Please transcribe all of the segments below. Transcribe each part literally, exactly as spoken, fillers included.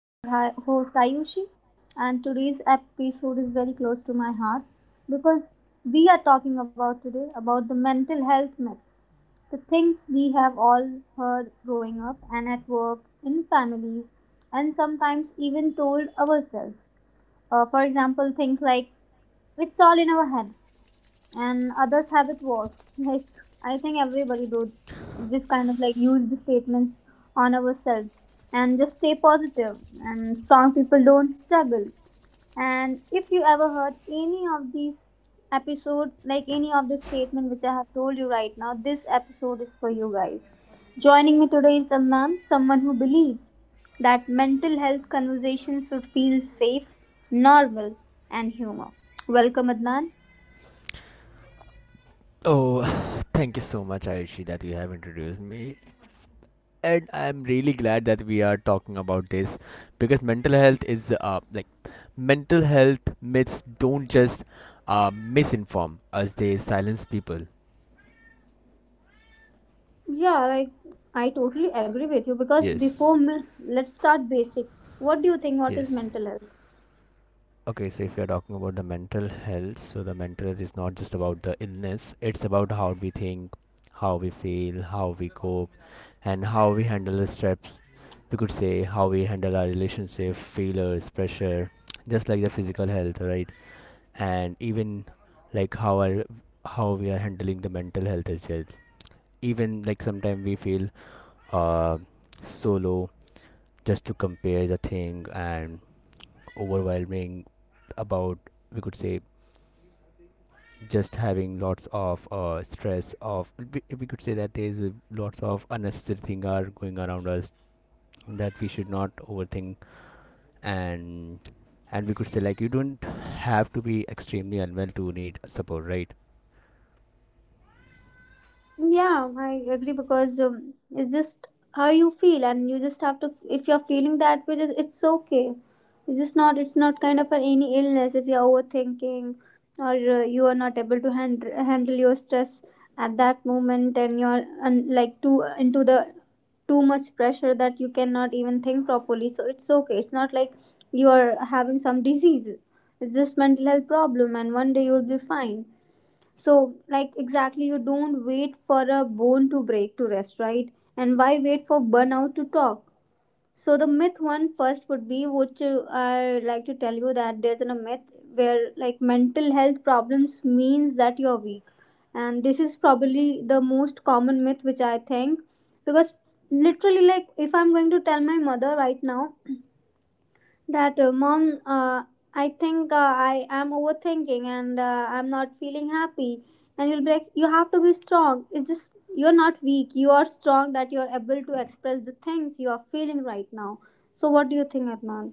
And I'm your hi- host, Ayushi. And today's episode is very close to my heart because we are talking about today about the mental health myths, the things we have all heard growing up and at work, in families, and sometimes even told ourselves. Uh, for example, things like it's all in our head and others have it worse. Like I think everybody do this kind of like use the statements on ourselves and just stay positive and strong people don't struggle. And if you ever heard any of these episode, like any of the statement which I have told you right now, this episode is for you guys. Joining me today is Adnan, someone who believes that mental health conversations should feel safe, normal, and humor. Welcome, Adnan. Oh, thank you so much, Ayushi, that you have introduced me. And I'm really glad that we are talking about this because mental health is uh, like mental health myths don't just uh, misinform us, they silence people. Yeah, like I totally agree with you because Yes, before myth, let's start basic. What do you think? What is yes. mental health? Okay, so if you're talking about the mental health, so the mental health is not just about the illness, it's about how we think, how we feel, how we cope, and how we handle the stress. We could say how we handle our relationship, failures, pressure, just like the physical health, right? And even like how our how we are handling the mental health as well. Even like sometimes we feel uh solo just to compare the thing and overwhelming about we could say just having lots of uh, stress of we, we could say that there's a- lots of unnecessary thing are going around us that we should not overthink and and we could say like you don't have to be extremely unwell to need support, right? Yeah, I agree because um, it's just how you feel, and you just have to. If you're feeling that way, just, it's okay. It's just not. It's not kind of an any illness. If you're overthinking, or uh, you are not able to hand, handle your stress at that moment, and you're un, like too into the too much pressure that you cannot even think properly. So it's okay. It's not like you are having some disease. It's just mental health problem, and one day you'll be fine. So, like exactly, you don't wait for a bone to break to rest, right? And why wait for burnout to talk? So, the myth one first would be which uh, I like to tell you that there's a myth where like mental health problems means that you're weak, and this is probably the most common myth which I think because literally, like, if I'm going to tell my mother right now that uh, mom, uh, i think uh, i am overthinking and uh, i'm not feeling happy. And you'll be like, you have to be strong. It's just you're not weak, you are strong that you're able to express the things you are feeling right now. So what do you think, Adnan?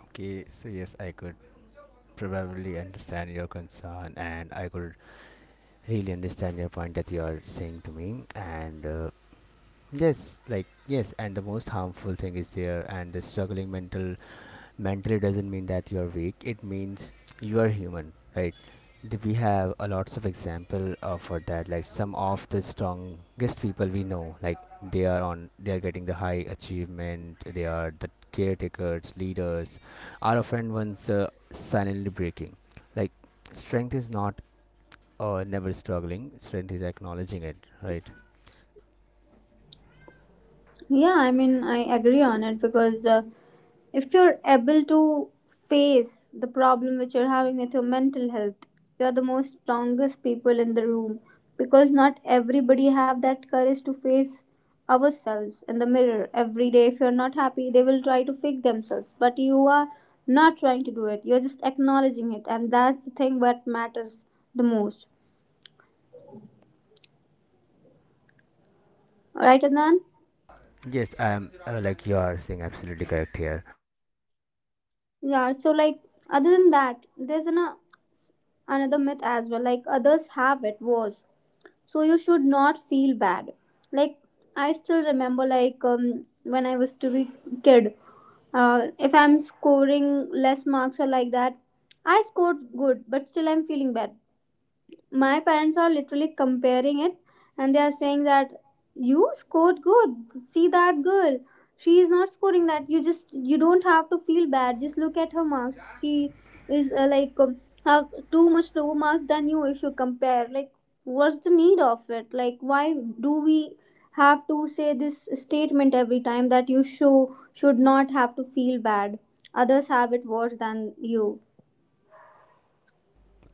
Okay, so yes, I could probably understand your concern, and I could really understand your point that you are saying to me, and uh, yes, like yes, and the most harmful thing is there, and the struggling mental mentally doesn't mean that you're weak, it means you are human, right? Th- we have a lots of example uh, for that, like some of the strongest people we know, like they are on they are getting the high achievement, they are the caretakers, leaders are often ones uh, silently breaking. Like strength is not uh, never struggling, strength is acknowledging it, right? Yeah, I mean, I agree on it because uh, if you're able to face the problem which you're having with your mental health, you're the most strongest people in the room because not everybody have that courage to face ourselves in the mirror every day. If you're not happy, they will try to fix themselves, but you are not trying to do it. You're just acknowledging it, and that's the thing that matters the most. All right, Adnan? Yes, I am, uh, like you are saying, absolutely correct here. Yeah, so like other than that, there's an, another myth as well, like others have it was, so you should not feel bad. Like I still remember, like um, when I was to be kid. Uh, if I'm scoring less marks or like that, I scored good, but still I'm feeling bad. My parents are literally comparing it, and they are saying that you scored good, see that girl, she is not scoring that. You just, you don't have to feel bad. Just look at her marks. She is uh, like, um, have too much lower marks than you if you compare. Like, what's the need of it? Like, why do we have to say this statement every time that you show should not have to feel bad, others have it worse than you.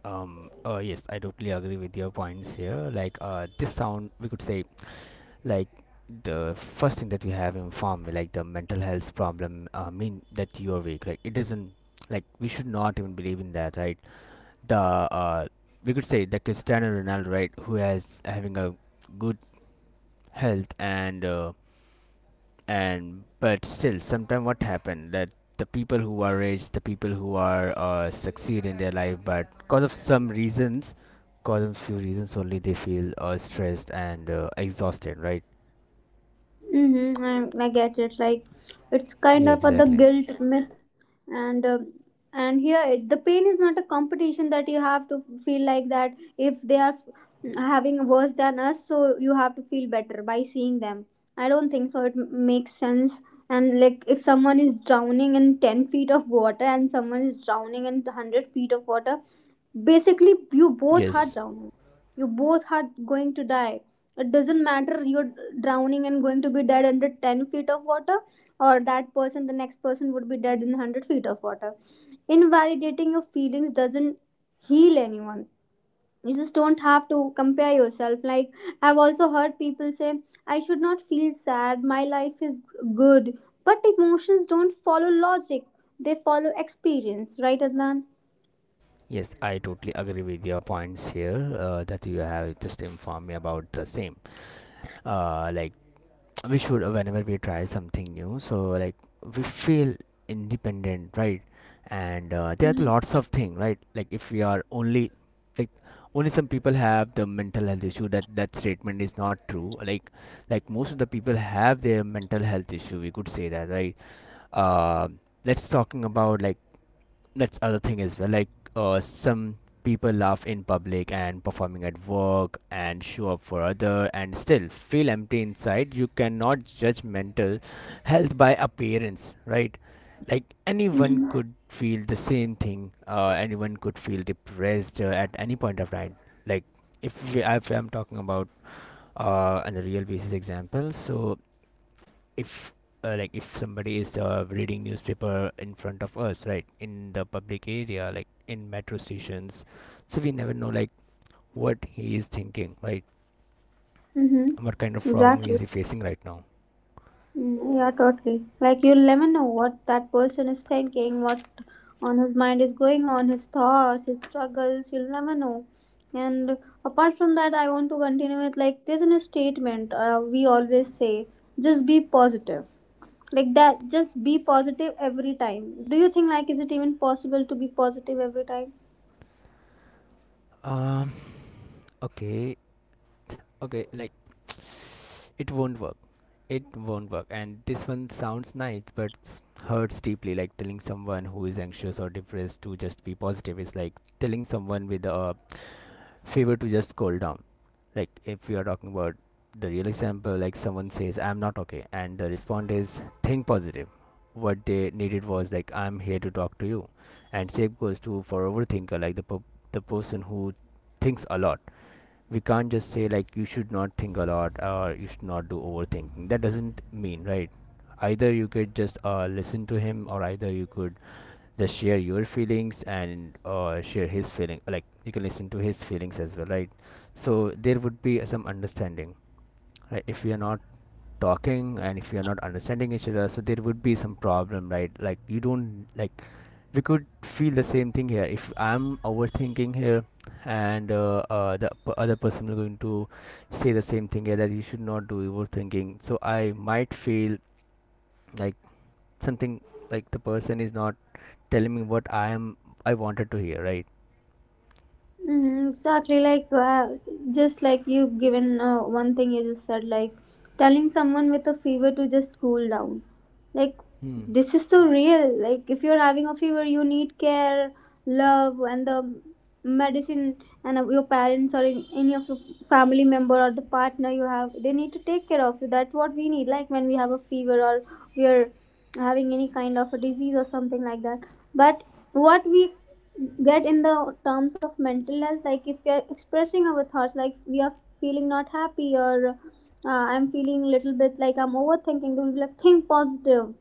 Um, uh, yes, I totally agree with your points here. Like, uh, this sound, we could say, like, the first thing that you have informed me, like the mental health problem, uh, mean that you are weak. Like, it doesn't, like, we should not even believe in that, right? The, uh, we could say the Cristiano Ronaldo, right, who has having a good health, and uh, and but still sometimes what happened that the people who are rich, the people who are uh, succeed in their life, but because of some reasons, because of few reasons only, they feel uh, stressed and uh, exhausted, right? Mm-hmm. I, I get it. Like it's Yeah, kind of a, the exactly. guilt myth, and uh, and here it, the pain is not a competition that you have to feel like that. If they are f- having worse than us, so you have to feel better by seeing them. I don't think so. It m- makes sense. And like if someone is drowning in ten feet of water and someone is drowning in one hundred feet of water, basically you both are Yes, drowners. You both are going to die. It doesn't matter, you're drowning and going to be dead under ten feet of water, or that person, the next person would be dead in one hundred feet of water. Invalidating your feelings doesn't heal anyone. You just don't have to compare yourself. Like I've also heard people say I should not feel sad, my life is good. But emotions don't follow logic, they follow experience, right, Adnan? yes, I totally agree with your points here, uh, that you have just informed me about the same. Uh, like, we should, uh, whenever we try something new, so like we feel independent, right? And uh, there are lots of things, right? Like if we are only like only some people have the mental health issue, that that statement is not true. like like most of the people have their mental health issue, we could say that, right? uh, let's talking about like that's other thing as well. Like uh, some people laugh in public and performing at work and show up for other and still feel empty inside. You cannot judge mental health by appearance, right? Like anyone could feel the same thing. Uh, anyone could feel depressed uh, at any point of time. Like if we, if I'm talking about uh, on a real basis example, so if uh, like if somebody is uh, reading newspaper in front of us, right, in the public area, like in metro stations, so we never know like what he is thinking, right? Mhm. What kind of problem Exactly. is he facing right now? Mm, yeah, totally. Like you'll never know what that person is thinking, what on his mind is going on, his thoughts, his struggles. You'll never know. And apart from that, I want to continue with, like, there's a statement uh, we always say, just be positive. Like that, just be positive every time. Do you think like is it even possible to be positive every time? um okay, okay, like it won't work, it won't work, and this one sounds nice but s- hurts deeply. Like telling someone who is anxious or depressed to just be positive is like telling someone with a fever to just cool down. Like if you are talking about the real example, like someone says I'm not okay and the response is think positive, what they needed was like I'm here to talk to you. And same goes to for overthinker, like the po- the person who thinks a lot, we can't just say like you should not think a lot or you should not do overthinking, that doesn't mean, right? Either you could just uh, listen to him, or either you could just share your feelings and uh, share his feeling, like you can listen to his feelings as well, right? So there would be some understanding, right? If we are not talking and if we are not understanding each other, so there would be some problem, right? Like you don't, like we could feel the same thing here if I'm overthinking here, and uh, uh, the p- other person is going to say the same thing, yeah, that you should not do overthinking, so I might feel like something, like the person is not telling me what I am, I wanted to hear, right? Mm, exactly. Like uh, just like you given uh, one thing you just said, like telling someone with a fever to just cool down. Like Hmm. this is so real. Like if you're having a fever, you need care, love, and the medicine. And uh, your parents or any any of your family member or the partner you have, they need to take care of you. That's what we need, like when we have a fever or we are having any kind of a disease or something like that. But what we get in the terms of mental health, like if we are expressing our thoughts, like we are feeling not happy or uh, i'm feeling little bit like I'm overthinking, they will be like think positive.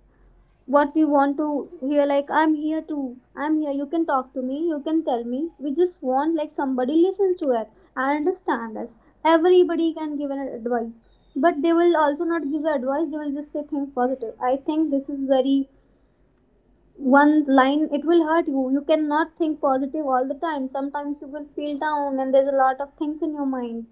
What we want to hear, like I'm here too, I'm here, you can talk to me, you can tell me. We just want like somebody listens to us and understand us. Everybody can give an advice, but they will also not give the advice, they will just say think positive. I think this is very one line, it will hurt you. You cannot think positive all the time. Sometimes you will feel down and there's a lot of things in your mind.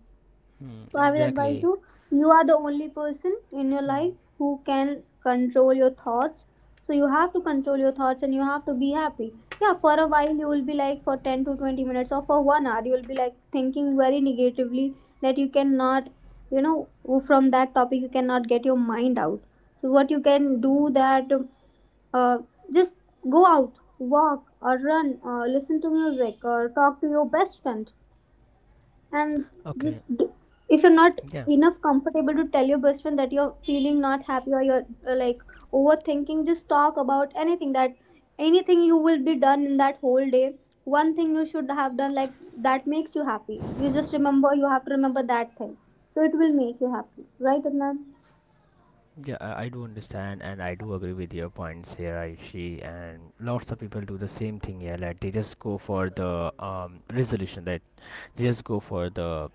Hmm. So I will advise Exactly. you, you are the only person in your life Hmm. who can control your thoughts. So you have to control your thoughts and you have to be happy. Yeah, for a while you will be like for ten to twenty minutes or for one hour you will be like thinking very negatively that you cannot, you know, from that topic you cannot get your mind out. So what you can do that, uh, just go out, walk or run or listen to music or talk to your best friend. And Okay. this, if you're not Yeah. enough comfortable to tell your best friend that you're feeling not happy or you're uh, like overthinking, just talk about anything that, anything you will be done in that whole day. One thing you should have done, like that makes you happy, you just remember, you have to remember that thing, so it will make you happy, right, Adnan? Yeah, I I do understand, and I do agree with your points here, Aishi. And lots of people do the same thing here, like they just go for the um, resolution, right? Just go for the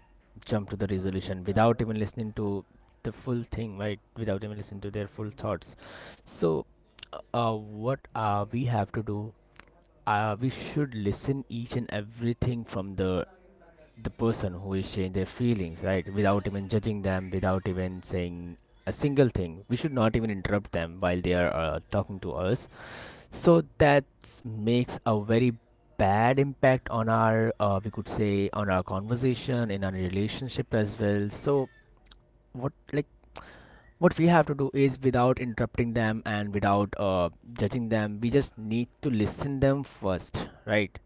jump to the resolution without even listening to the full thing, right, without even listening to their full thoughts. So uh, what uh, we have to do, uh, we should listen each and everything from the the person who is sharing their feelings, right, without even judging them, without even saying a single thing. We should not even interrupt them while they are uh, talking to us. So that makes a very bad impact on our, uh, we could say, on our conversation, in our relationship as well. So what, like, what we have to do is without interrupting them and without uh, judging them, we just need to listen them first, right?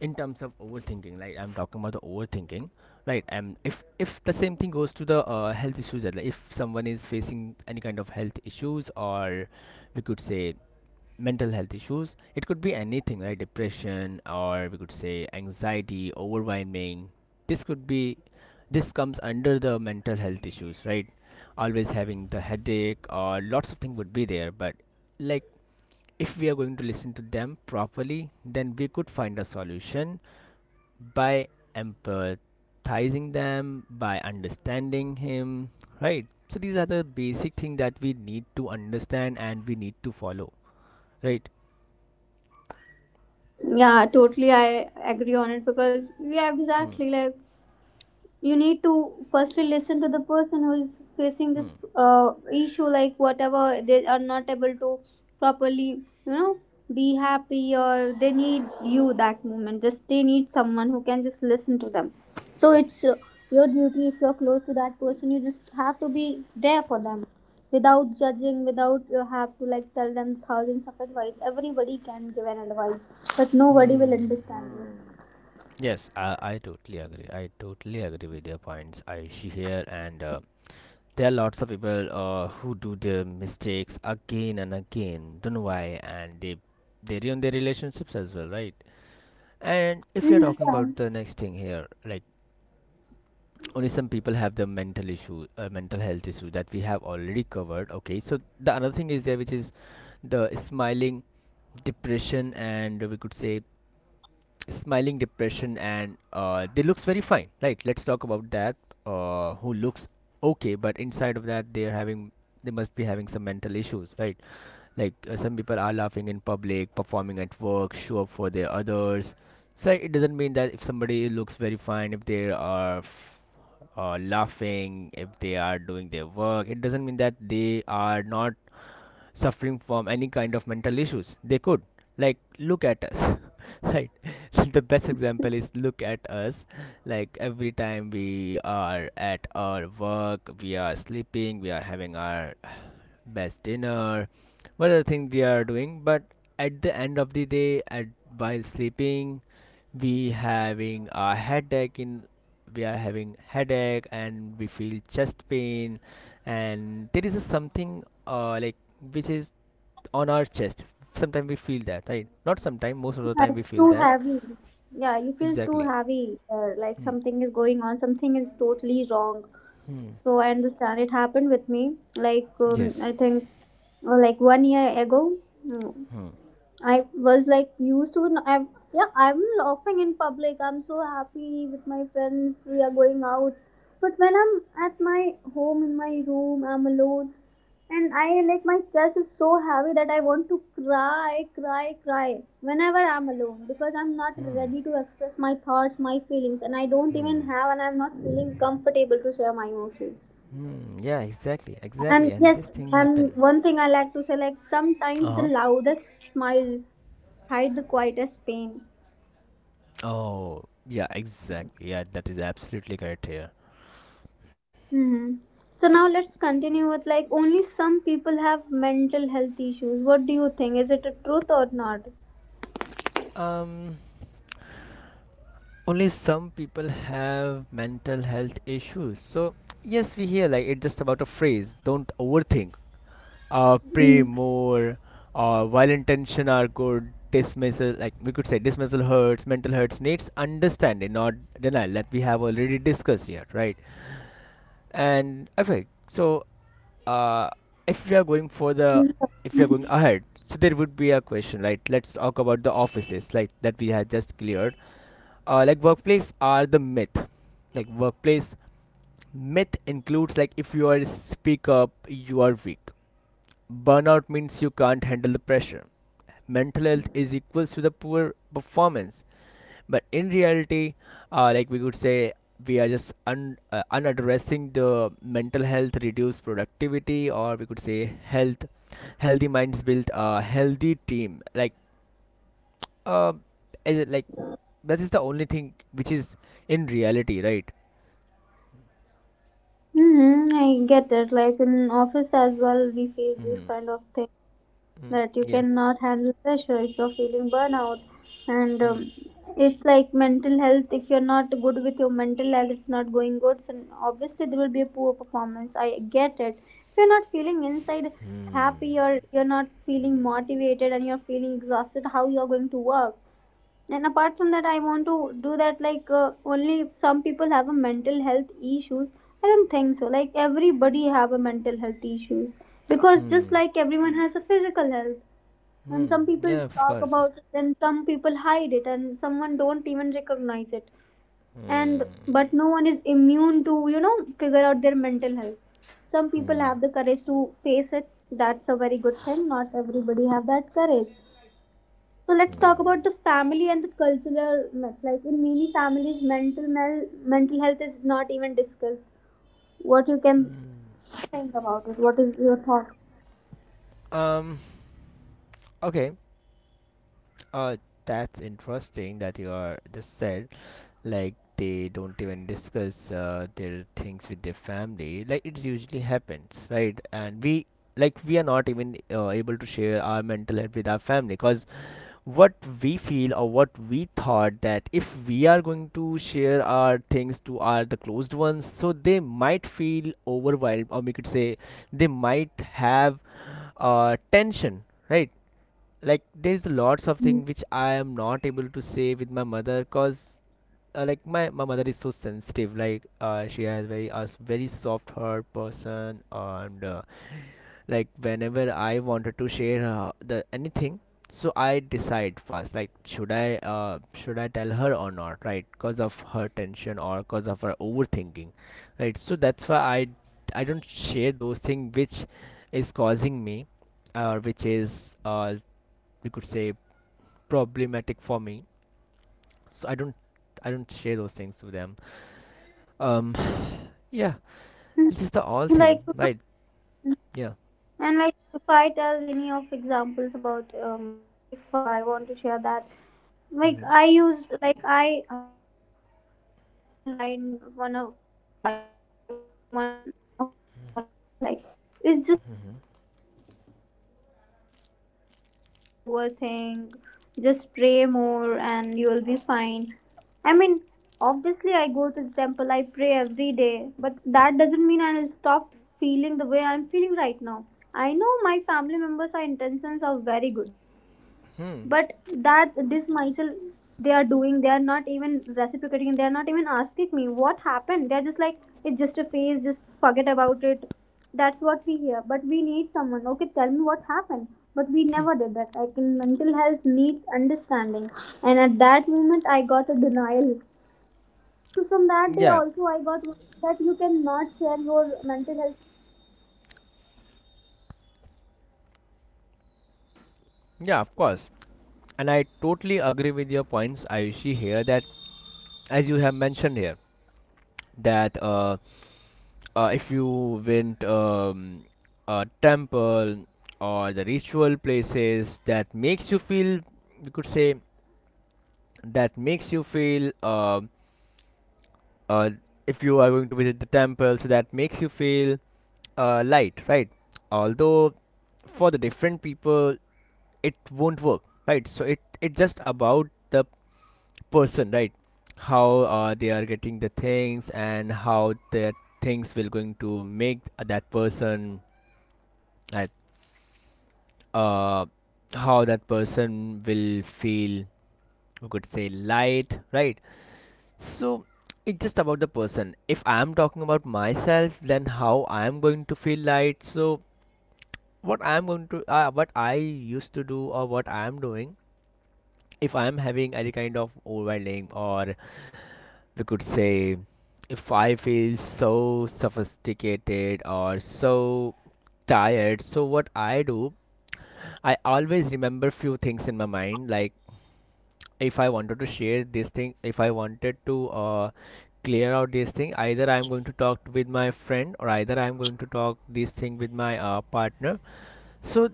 In terms of overthinking, like I'm talking about the overthinking, right? And if if the same thing goes to the uh, health issues, that, like if someone is facing any kind of health issues, or we could say mental health issues, it could be anything, right? Depression, or we could say anxiety, overwhelming, this could be, this comes under the mental health issues, right? Always having the headache or lots of things would be there, but like if we are going to listen to them properly, then we could find a solution by empathizing them, by understanding him, right? So these are the basic things that we need to understand and we need to follow, right? Yeah, totally, I agree on it because yeah Hmm. exactly like you need to firstly listen to the person who is facing this Hmm. uh, issue, like whatever they are not able to properly, you know, be happy or they need you that moment, just they need someone who can just listen to them. So it's uh, your duty. If you're close to that person, you just have to be there for them without judging, without you have to like tell them thousands of advice. Everybody can give an advice but nobody will Hmm. understand you. Yes, I, I totally agree. I totally agree with your points I see here. And uh, there are lots of people uh, who do their mistakes again and again. Don't know why, and they they ruin their relationships as well, right? And if you're Mhm, talking yeah. about the next thing here, like only some people have the mental issue, uh, mental health issue, that we have already covered. Okay, so the another thing is there, which is the smiling depression, and we could say smiling depression. And uh, they looks very fine, right? Let's talk about that. Uh, who looks okay, but inside of that they're having, they must be having some mental issues, right? Like uh, some people are laughing in public, performing at work, show up for their others. So it doesn't mean that if somebody looks very fine, if they are f- uh, laughing, if they are doing their work, it doesn't mean that they are not suffering from any kind of mental issues. They could, like, look at us, right? The best example is look at us. Like every time we are at our work, we are sleeping, we are having our best dinner, whatever thing we are doing, but at the end of the day, at while sleeping, we having a headache in we are having headache, and we feel chest pain, and there is a something, uh, like, which is on our chest, sometimes we feel that, right? Not sometimes, most of the time we That's feel too that. heavy. Yeah, you feel too Exactly. heavy. Uh, like Hmm. something is going on, something is totally wrong. Hmm. So I understand. It happened with me. Like um, Yes. I think uh, like one year ago. Mm. Hmm. I was like used to. n- I'm, yeah, I'm laughing in public. I'm so happy with my friends. We are going out. But when I'm at my home in my room, I'm alone, and I like my chest is so heavy that I want to cry, cry, cry whenever I'm alone because I'm not Hmm. ready to express my thoughts, my feelings, and I don't even have, and I'm not feeling comfortable to share my emotions. Hmm. Yeah, exactly, exactly, And and this yes, thing happened. and one thing I like to say, like sometimes the Uh-huh. loudest smiles hide the quietest pain. Oh yeah, exactly, yeah, that is absolutely correct here. Hmm. So now let's continue with like only some people have mental health issues. What do you think? Is it a truth or not? um Only some people have mental health issues, so yes, we hear like it's just about a phrase, don't overthink, uh, pray Mm-hmm. more, or while intention are good, dismissal, like we could say, dismissal hurts, mental hurts needs understanding, not denial, that we have already discussed here, right? And okay, so uh, if we are going for the, if we are going ahead, so there would be a question, right? Let's talk about the offices, like that we have just cleared. Uh, like workplace are the myth, like workplace myth includes like if you are speak up, you are weak. Burnout means you can't handle the pressure. Mental health is equals to the poor performance, but in reality uh, like we could say we are just un- uh, unaddressing the mental health reduce productivity, or we could say health healthy minds build a healthy team. like uh, is it like that is the only thing which is in reality, right? I get it. Like in office as well, we face this Mm-hmm. kind of thing. Mm, That you yeah. cannot handle pressure if you're feeling burnout. And Hmm. Um, it's like mental health. If you're not good with your mental health, it's not going good, so obviously there will be a poor performance. I get it. If you're not feeling inside happy, or you're not feeling motivated, and you're feeling exhausted, how you're going to work? And apart from that, I want to do that, like uh, only some people have a mental health issues. I don't think so, like everybody have a mental health issues, because just Hmm. like everyone has a physical health. And Hmm. some people Yeah, of talk course. about it, and some people hide it, and someone don't even recognize it. And but Hmm. no one is immune to you know figure out their mental health. Some people Hmm. have the courage to face it. That's a very good thing. Not everybody have that courage. So let's talk about the family and the cultural myth. Like in many families, mental mel- mental health is not even discussed. What you can think about it? What is your thought? Um. Okay. Uh, that's interesting that you are just said like they don't even discuss uh, their things with their family. Like it usually happens, right? And we like we are not even uh, able to share our mental health with our family, because what we feel or what we thought that if we are going to share our things to our the closed ones, so they might feel overwhelmed, or we could say they might have uh, tension, right? Like there's lots of Mm. things which I am not able to say with my mother, cause uh, like my, my mother is so sensitive. Like uh, she has very a s- very soft heart person, and uh, like whenever I wanted to share uh, the anything, so I decide first like should i uh, should I tell her or not, right? Cause of her tension or cause of her overthinking, right? So that's why i i don't share those things which is causing me, or which is uh, we could say problematic for me. So i don't I don't share those things to them. um yeah, this is the all Like, thing, right? Yeah. and like if I tell any of examples about uh, my life, uh, I want to share that, like Mm-hmm. I used like I had a phase like I had a line one of, yeah, you can say from one of my family members, like it's just a phase. Uh, you will come over that, like don't overthink, just pray more and you will be fine. I mean, obviously I go to the temple, I pray every day, but that doesn't mean I will stop feeling the way I'm feeling right now. I know my family members, our intentions are very good, but Hmm. that this myself they are doing, they are not even reciprocating, they are not even asking me what happened. They're just like, it's just a phase, just forget about it. That's what we hear, but we need someone, okay, tell me what happened. But we never did that. Like in mental health needs understanding, and at that moment I got a denial. So from that day Yeah. also, I got one thing that you cannot share your mental health problem with everybody. You need to find someone. That's the reason you can go to Yeah, therapy, of but course. because not And I totally everybody is agree going with to your listen to points, you, you Ayushi, know. here, that as you have mentioned here that uh, uh if you You can hear me, went Adnan? um a temple or the ritual places that makes you So feel, Adnan, like I you could want to. say, that makes you feel uh, uh if you are going to visit the temple, so that makes you feel uh, light, right? Although for the different people it won't work, right? So it it's just about the person, right? How uh, they are getting the things, and how their things will going to make that person, right? Uh, how that person will feel. We could say light, right? So it's just about the person. If I am talking about myself, then how I am going to feel light. So what I'm going to, uh, what I used to do, or what I'm doing, if I'm having any kind of overwhelming, or we could say, if I feel so sophisticated or so tired, so what I do, I always remember few things in my mind, like if I wanted to share this thing, if I wanted to uh, clear out this thing, either I'm going to talk with my friend, or either I'm going to talk this thing with my uh, partner. So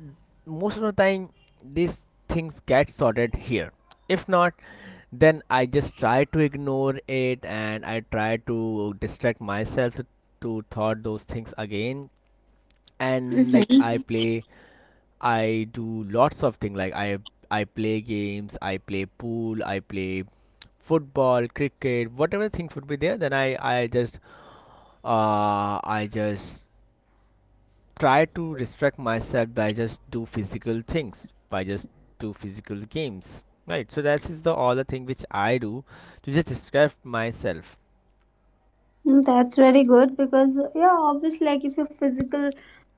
most of the time these things get sorted here. If not, then I just try to ignore it, and I try to distract myself to, to thought those things again. And like Mm. I play, I do lots of things. Like i i play games, I play pool, I play football, cricket, whatever things would be there, then i i just uh I just try to distract myself by just do physical things, by just do physical games, right? So that is the all the thing which I do to just distract myself. That's very good because, yeah, obviously like if your physical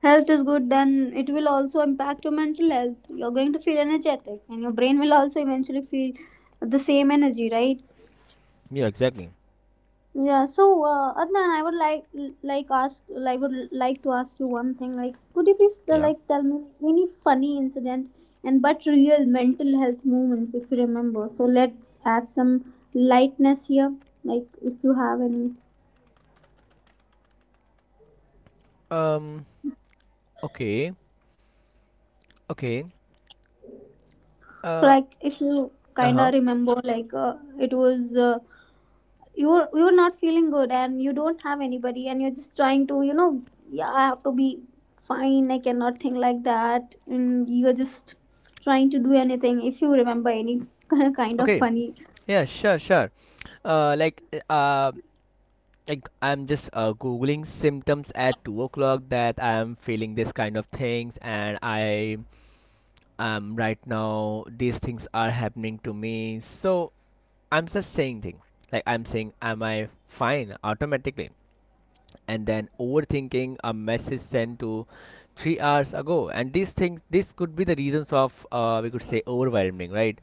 health is good, then it will also impact your mental health. You're going to feel energetic, and your brain will also eventually feel the same energy, right? Yeah, exactly. Yeah, so uh, Adnan, I would like like ask I would like to ask you one thing, like could you please uh, Yeah. like tell me any funny incident and but real mental health moments, if you remember. So let's add some lightness here, like if you have any, um okay. okay uh like if you kind uh-huh of remember, like uh, it was uh, you're you're not feeling good, and you don't have anybody, and you're just trying to, you know, yeah, I have to be fine, I cannot think like that, and you're just trying to do anything, if you remember any kind of okay. funny. Yeah, sure, sure. uh like uh like I'm just uh, googling symptoms at two o'clock, that I'm feeling this kind of things, and i um right now these things are happening to me. So I'm just saying thing. Like I'm saying, am I fine automatically? And then overthinking a message sent to three hours ago. And these things, this could be the reasons of uh, we could say overwhelming, right?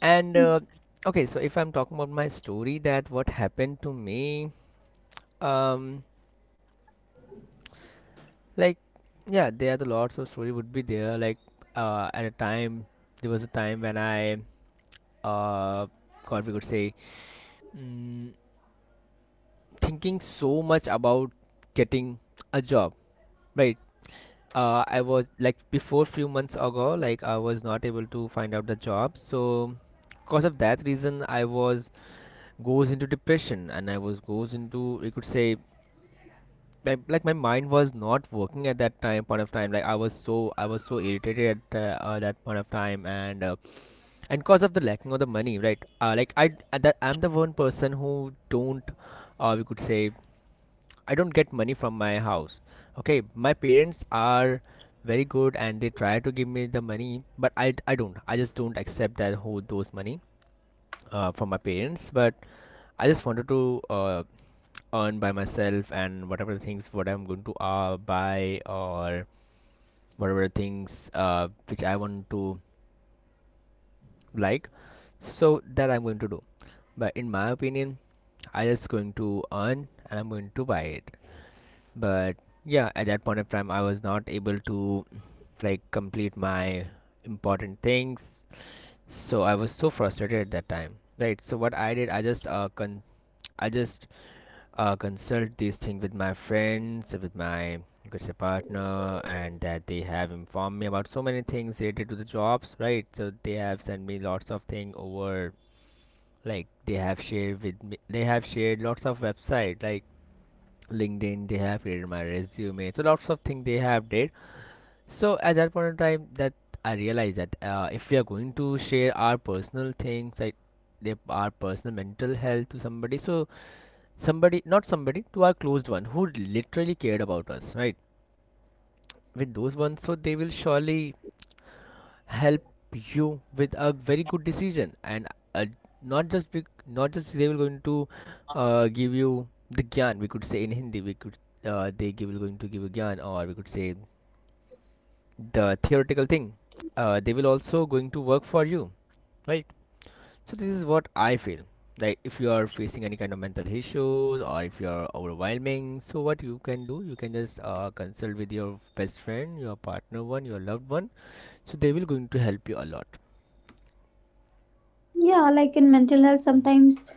And uh, okay, so if I'm talking about my story, that what happened to me, um, like yeah, there are the lots of story would be there. Like uh, at a time, there was a time when I uh, God, we could say. Mm, thinking so much about getting a job, right? uh, I was like before few months ago, like I was not able to find out the job, so because of that reason I was goes into depression, and I was goes into, we could say, like, like my mind was not working at that time point of time. Like I was so, I was so irritated at uh, uh, that point of time, and uh, and cause of the lacking of the money, right? Uh, like i, I that I'm the one person who don't uh, we could say, I don't get money from my house. Okay, my parents are very good, and they try to give me the money, but I, I don't. I just don't accept that whole those money uh, from my parents. But I just wanted to uh, earn by myself, and whatever things what I'm going to uh, buy, or whatever things uh, which I want to, like. So that I'm going to do. But in my opinion, I just going to earn, and I'm going to buy it. But yeah, at that point of time I was not able to, like, complete my important things. So I was so frustrated at that time, right? So what I did, I just uh con- I just uh consult these things with my friends, with my, you could say, partner, and that they have informed me about so many things related to the jobs, right? So they have sent me lots of thing over, like they have shared with me, they have shared lots of website, like LinkedIn. They have created my resume. So lots of things they have did. So at that point in time, that I realized that uh, if we are going to share our personal things, like they, our personal mental health to somebody, so somebody, not somebody, to our closed one who literally cared about us, right? With those ones, so they will surely help you with a very good decision, and uh, not just be, not just they will going to uh, give you the gyan. We could say in Hindi, we could uh, they give, will going to give you gyan, or we could say the theoretical thing. Uh, they will also going to work for you, right? So this is what I feel. Like if you are facing any kind of mental issues, or if you are overwhelming, so what you can do, you can just uh, consult with your best friend, your partner one, your loved one. So they will going to help you a lot. Yeah, like in mental health, sometimes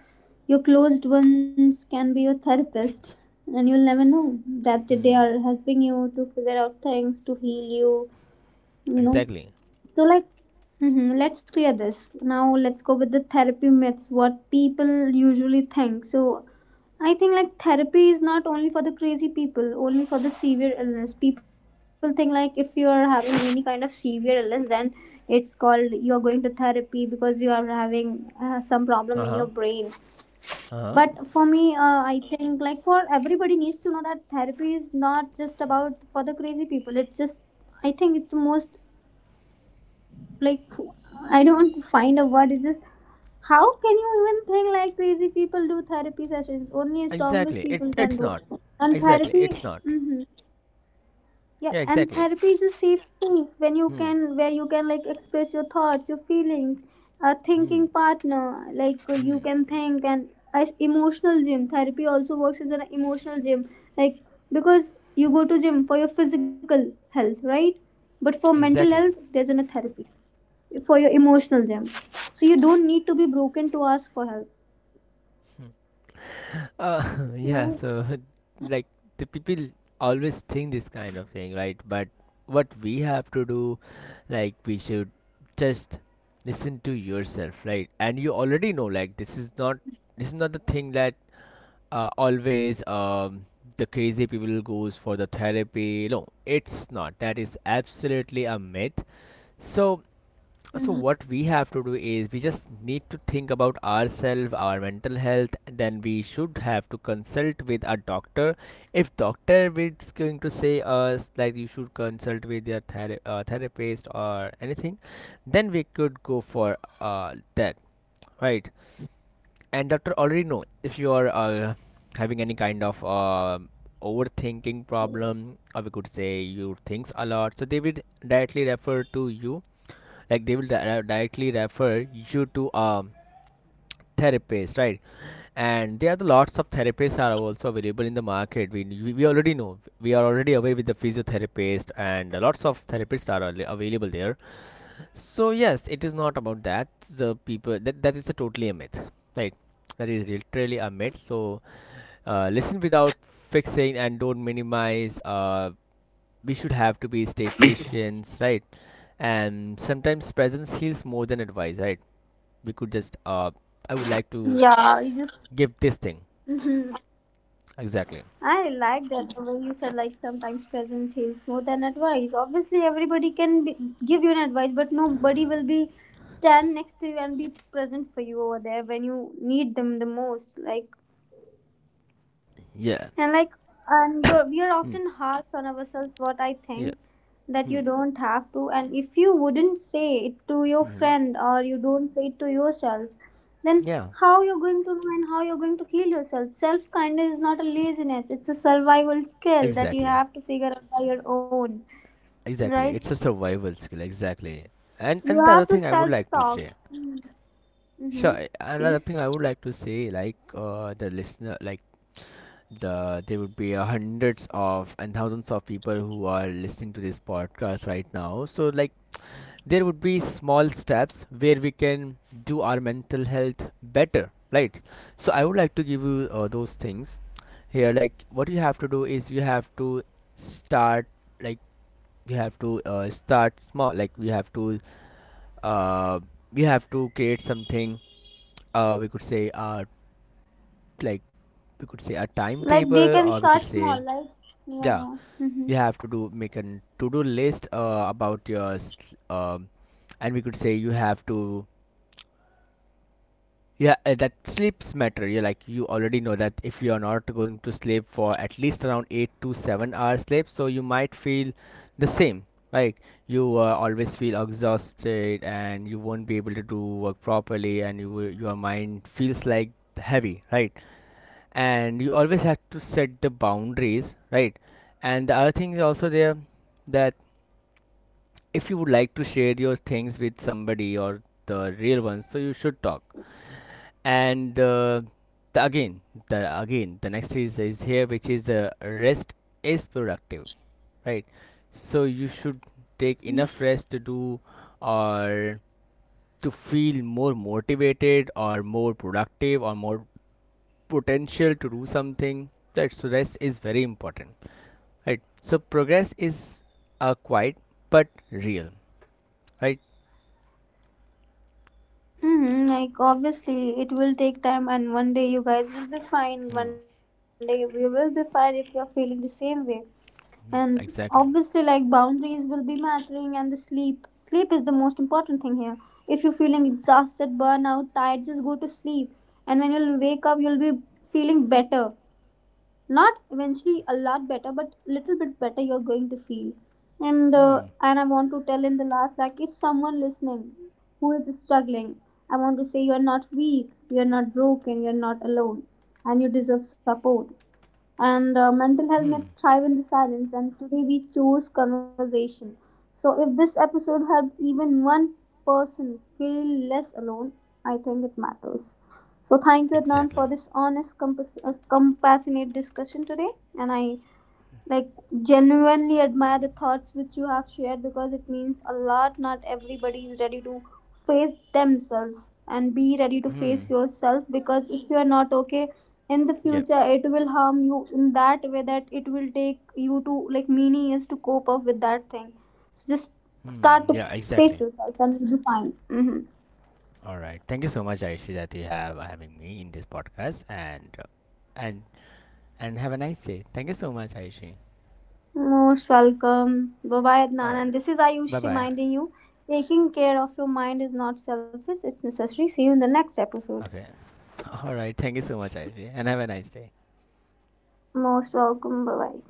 your closed ones can be your therapist, Questions. and you'll never know that they Hmm. are helping you to figure out things to heal you, you know. Exactly. So, like, mhm, let's clear this. Now let's go with the therapy myths, what people usually think. So, I think like therapy is not only for the crazy people, only for the severe illness. People think like if you are having any kind of severe illness, then it's called you are going to therapy because you are having uh, some problem in your Uh-huh. brain. Uh-huh. But for me, uh, I think like for everybody needs to know that therapy is not just about for the crazy people. It's just, I think it's the most, like I don't find a word. It's just, how can you even think like crazy people do therapy sessions? Only strongest Exactly, it people can it's do. not. And Exactly, therapy, it's not. hmm, yeah, Yeah, and exactly. therapy is a safe space when you Hmm. can, where you can like express your thoughts, your feelings, a Hmm. thinking partner, like you Hmm. can think. And as emotional gym, therapy also works as an emotional gym, like because you go to gym for your physical health, right? But for mental Exactly. health, there's an a therapy for your emotional gem. So you don't need to be broken to ask for help. Hmm. Uh, yeah, Right? so like the people always think this kind of thing, right? But what we have to do, like, we should just listen to yourself, right? And you already know, like, this is not, this is not the thing that uh, always um the crazy people goes for the therapy. No, it's not. That is absolutely a myth. So so Mhm. what we have to do is we just need to think about ourselves, our mental health. And then we should have to consult with a doctor. If doctor is going to say us like you should consult with your thera- uh, therapist or anything, then we could go for uh, that, right? And doctor already know, if you are uh, having any kind of um overthinking problem, or we could say you thinks a lot. So they would directly refer to you, like they will di- uh, directly refer you to a therapist, right? And there are the lots of therapists are also available in the market. We, we we already know, we are already away with the physiotherapist, and lots of therapists are al- available there. So yes, it is not about that the people, that, that is a totally a myth, right? That is literally a myth. So uh, listen without fixing, and don't minimize. Uh, we should have to be stay patient, right? And sometimes presence heals more than advice, right? We could just uh I would like to Yeah, you just. give this thing. Mhm. Exactly. I like that the way you said, like sometimes presence heals more than advice. Obviously, everybody can be, give you an advice, but nobody will be stand next to you and be present for you over there when you need them the most. Like, Yeah. and like, and you're we are Hmm. often harsh on ourselves, what I Yeah. think. That you Hmm. don't have to, and if you wouldn't say it to your Hmm. friend, or you don't say it to yourself, then Yeah, how you're going to know and how you're going to heal yourself? Self kindness is not a laziness, it's a survival skill that you exactly. have to figure out by your own, right? Exactly, it's a survival skill, exactly. and You and the other have to thing I would self like to talk. share. Sure, Mm-hmm. a- another Peace. thing I would like to say, like uh the listener, like the there would be uh, hundreds of and thousands of people who are listening to this podcast right now. So like there would be small steps where we can do our mental health better, right? So I would like to give you uh, those things here. Like what you have to do is you have to start, like you have to uh, start small. Like we have to uh, we have to create something, uh, we could say, uh, like we could say a Like they timetable, can or we could start say, small, like yeah, yeah, yeah, mm-hmm. you have to do make a to-do list uh, about your s- um, and we could say you have to, yeah, uh, that sleeps matter. You, like you already know, that if you are not going to sleep for at least around eight to seven hours sleep, so you might feel the same. Like you uh, always feel exhausted, and you won't be able to do work properly, and you will- your mind feels like heavy, right? And you always have to set the boundaries, right? And the other thing is also there, that if you would like to share your things with somebody, or the real ones, so you should talk. And uh, the, again the again the next is is here, which is the rest is productive, right? So you should take enough rest to do, or to feel more motivated, or more productive, or more potential to do something that. So rest is very important, right? So progress is uh, quiet but real, right? Mm, like obviously it will take time, and one day you guys will be fine, Hmm. one day we will be fine if you're feeling the same way. And Hmm. obviously Exactly. like boundaries will be mattering, and the sleep sleep is the most important thing here. If you're feeling exhausted, burnout, tired, just go to sleep, and when you'll wake up, you'll be feeling better, not eventually a lot better, but little bit better you're going to feel. And uh, Hmm. and I want to tell in the last, like if someone listening who is struggling, I want to say you're not weak, you're not broken, you're not alone, and you deserve support. And uh, mental health Hmm. myths thrive in the silence, and today we choose conversation. So if this episode helped even one person feel less alone, I think it matters. So thank you, Adnan, for Exactly. this honest compass- uh, compassionate discussion today. And I, like, genuinely admire the thoughts which you have shared, because it means a lot. Not everybody ready to face themselves. And be ready to Hmm. face yourself, because if you are not okay, in the Yep. future it will harm you in that way that it will take you to like many years to cope up with that thing. So just Hmm, start to yeah, exactly. face yourself and you'll be fine. Hmm. All right. Thank you so much, Aishi, that you have uh, having me in this podcast, and uh, and and have a nice day. Thank you so much, Aishi. Most welcome. Bye bye, All Adnan. right. And this is Bye Ayush bye. reminding you, taking care of your mind is not selfish, it's necessary. See you in the next episode. Okay. All right. Thank you so much, Aishi, and have a nice day. Most welcome. Bye bye.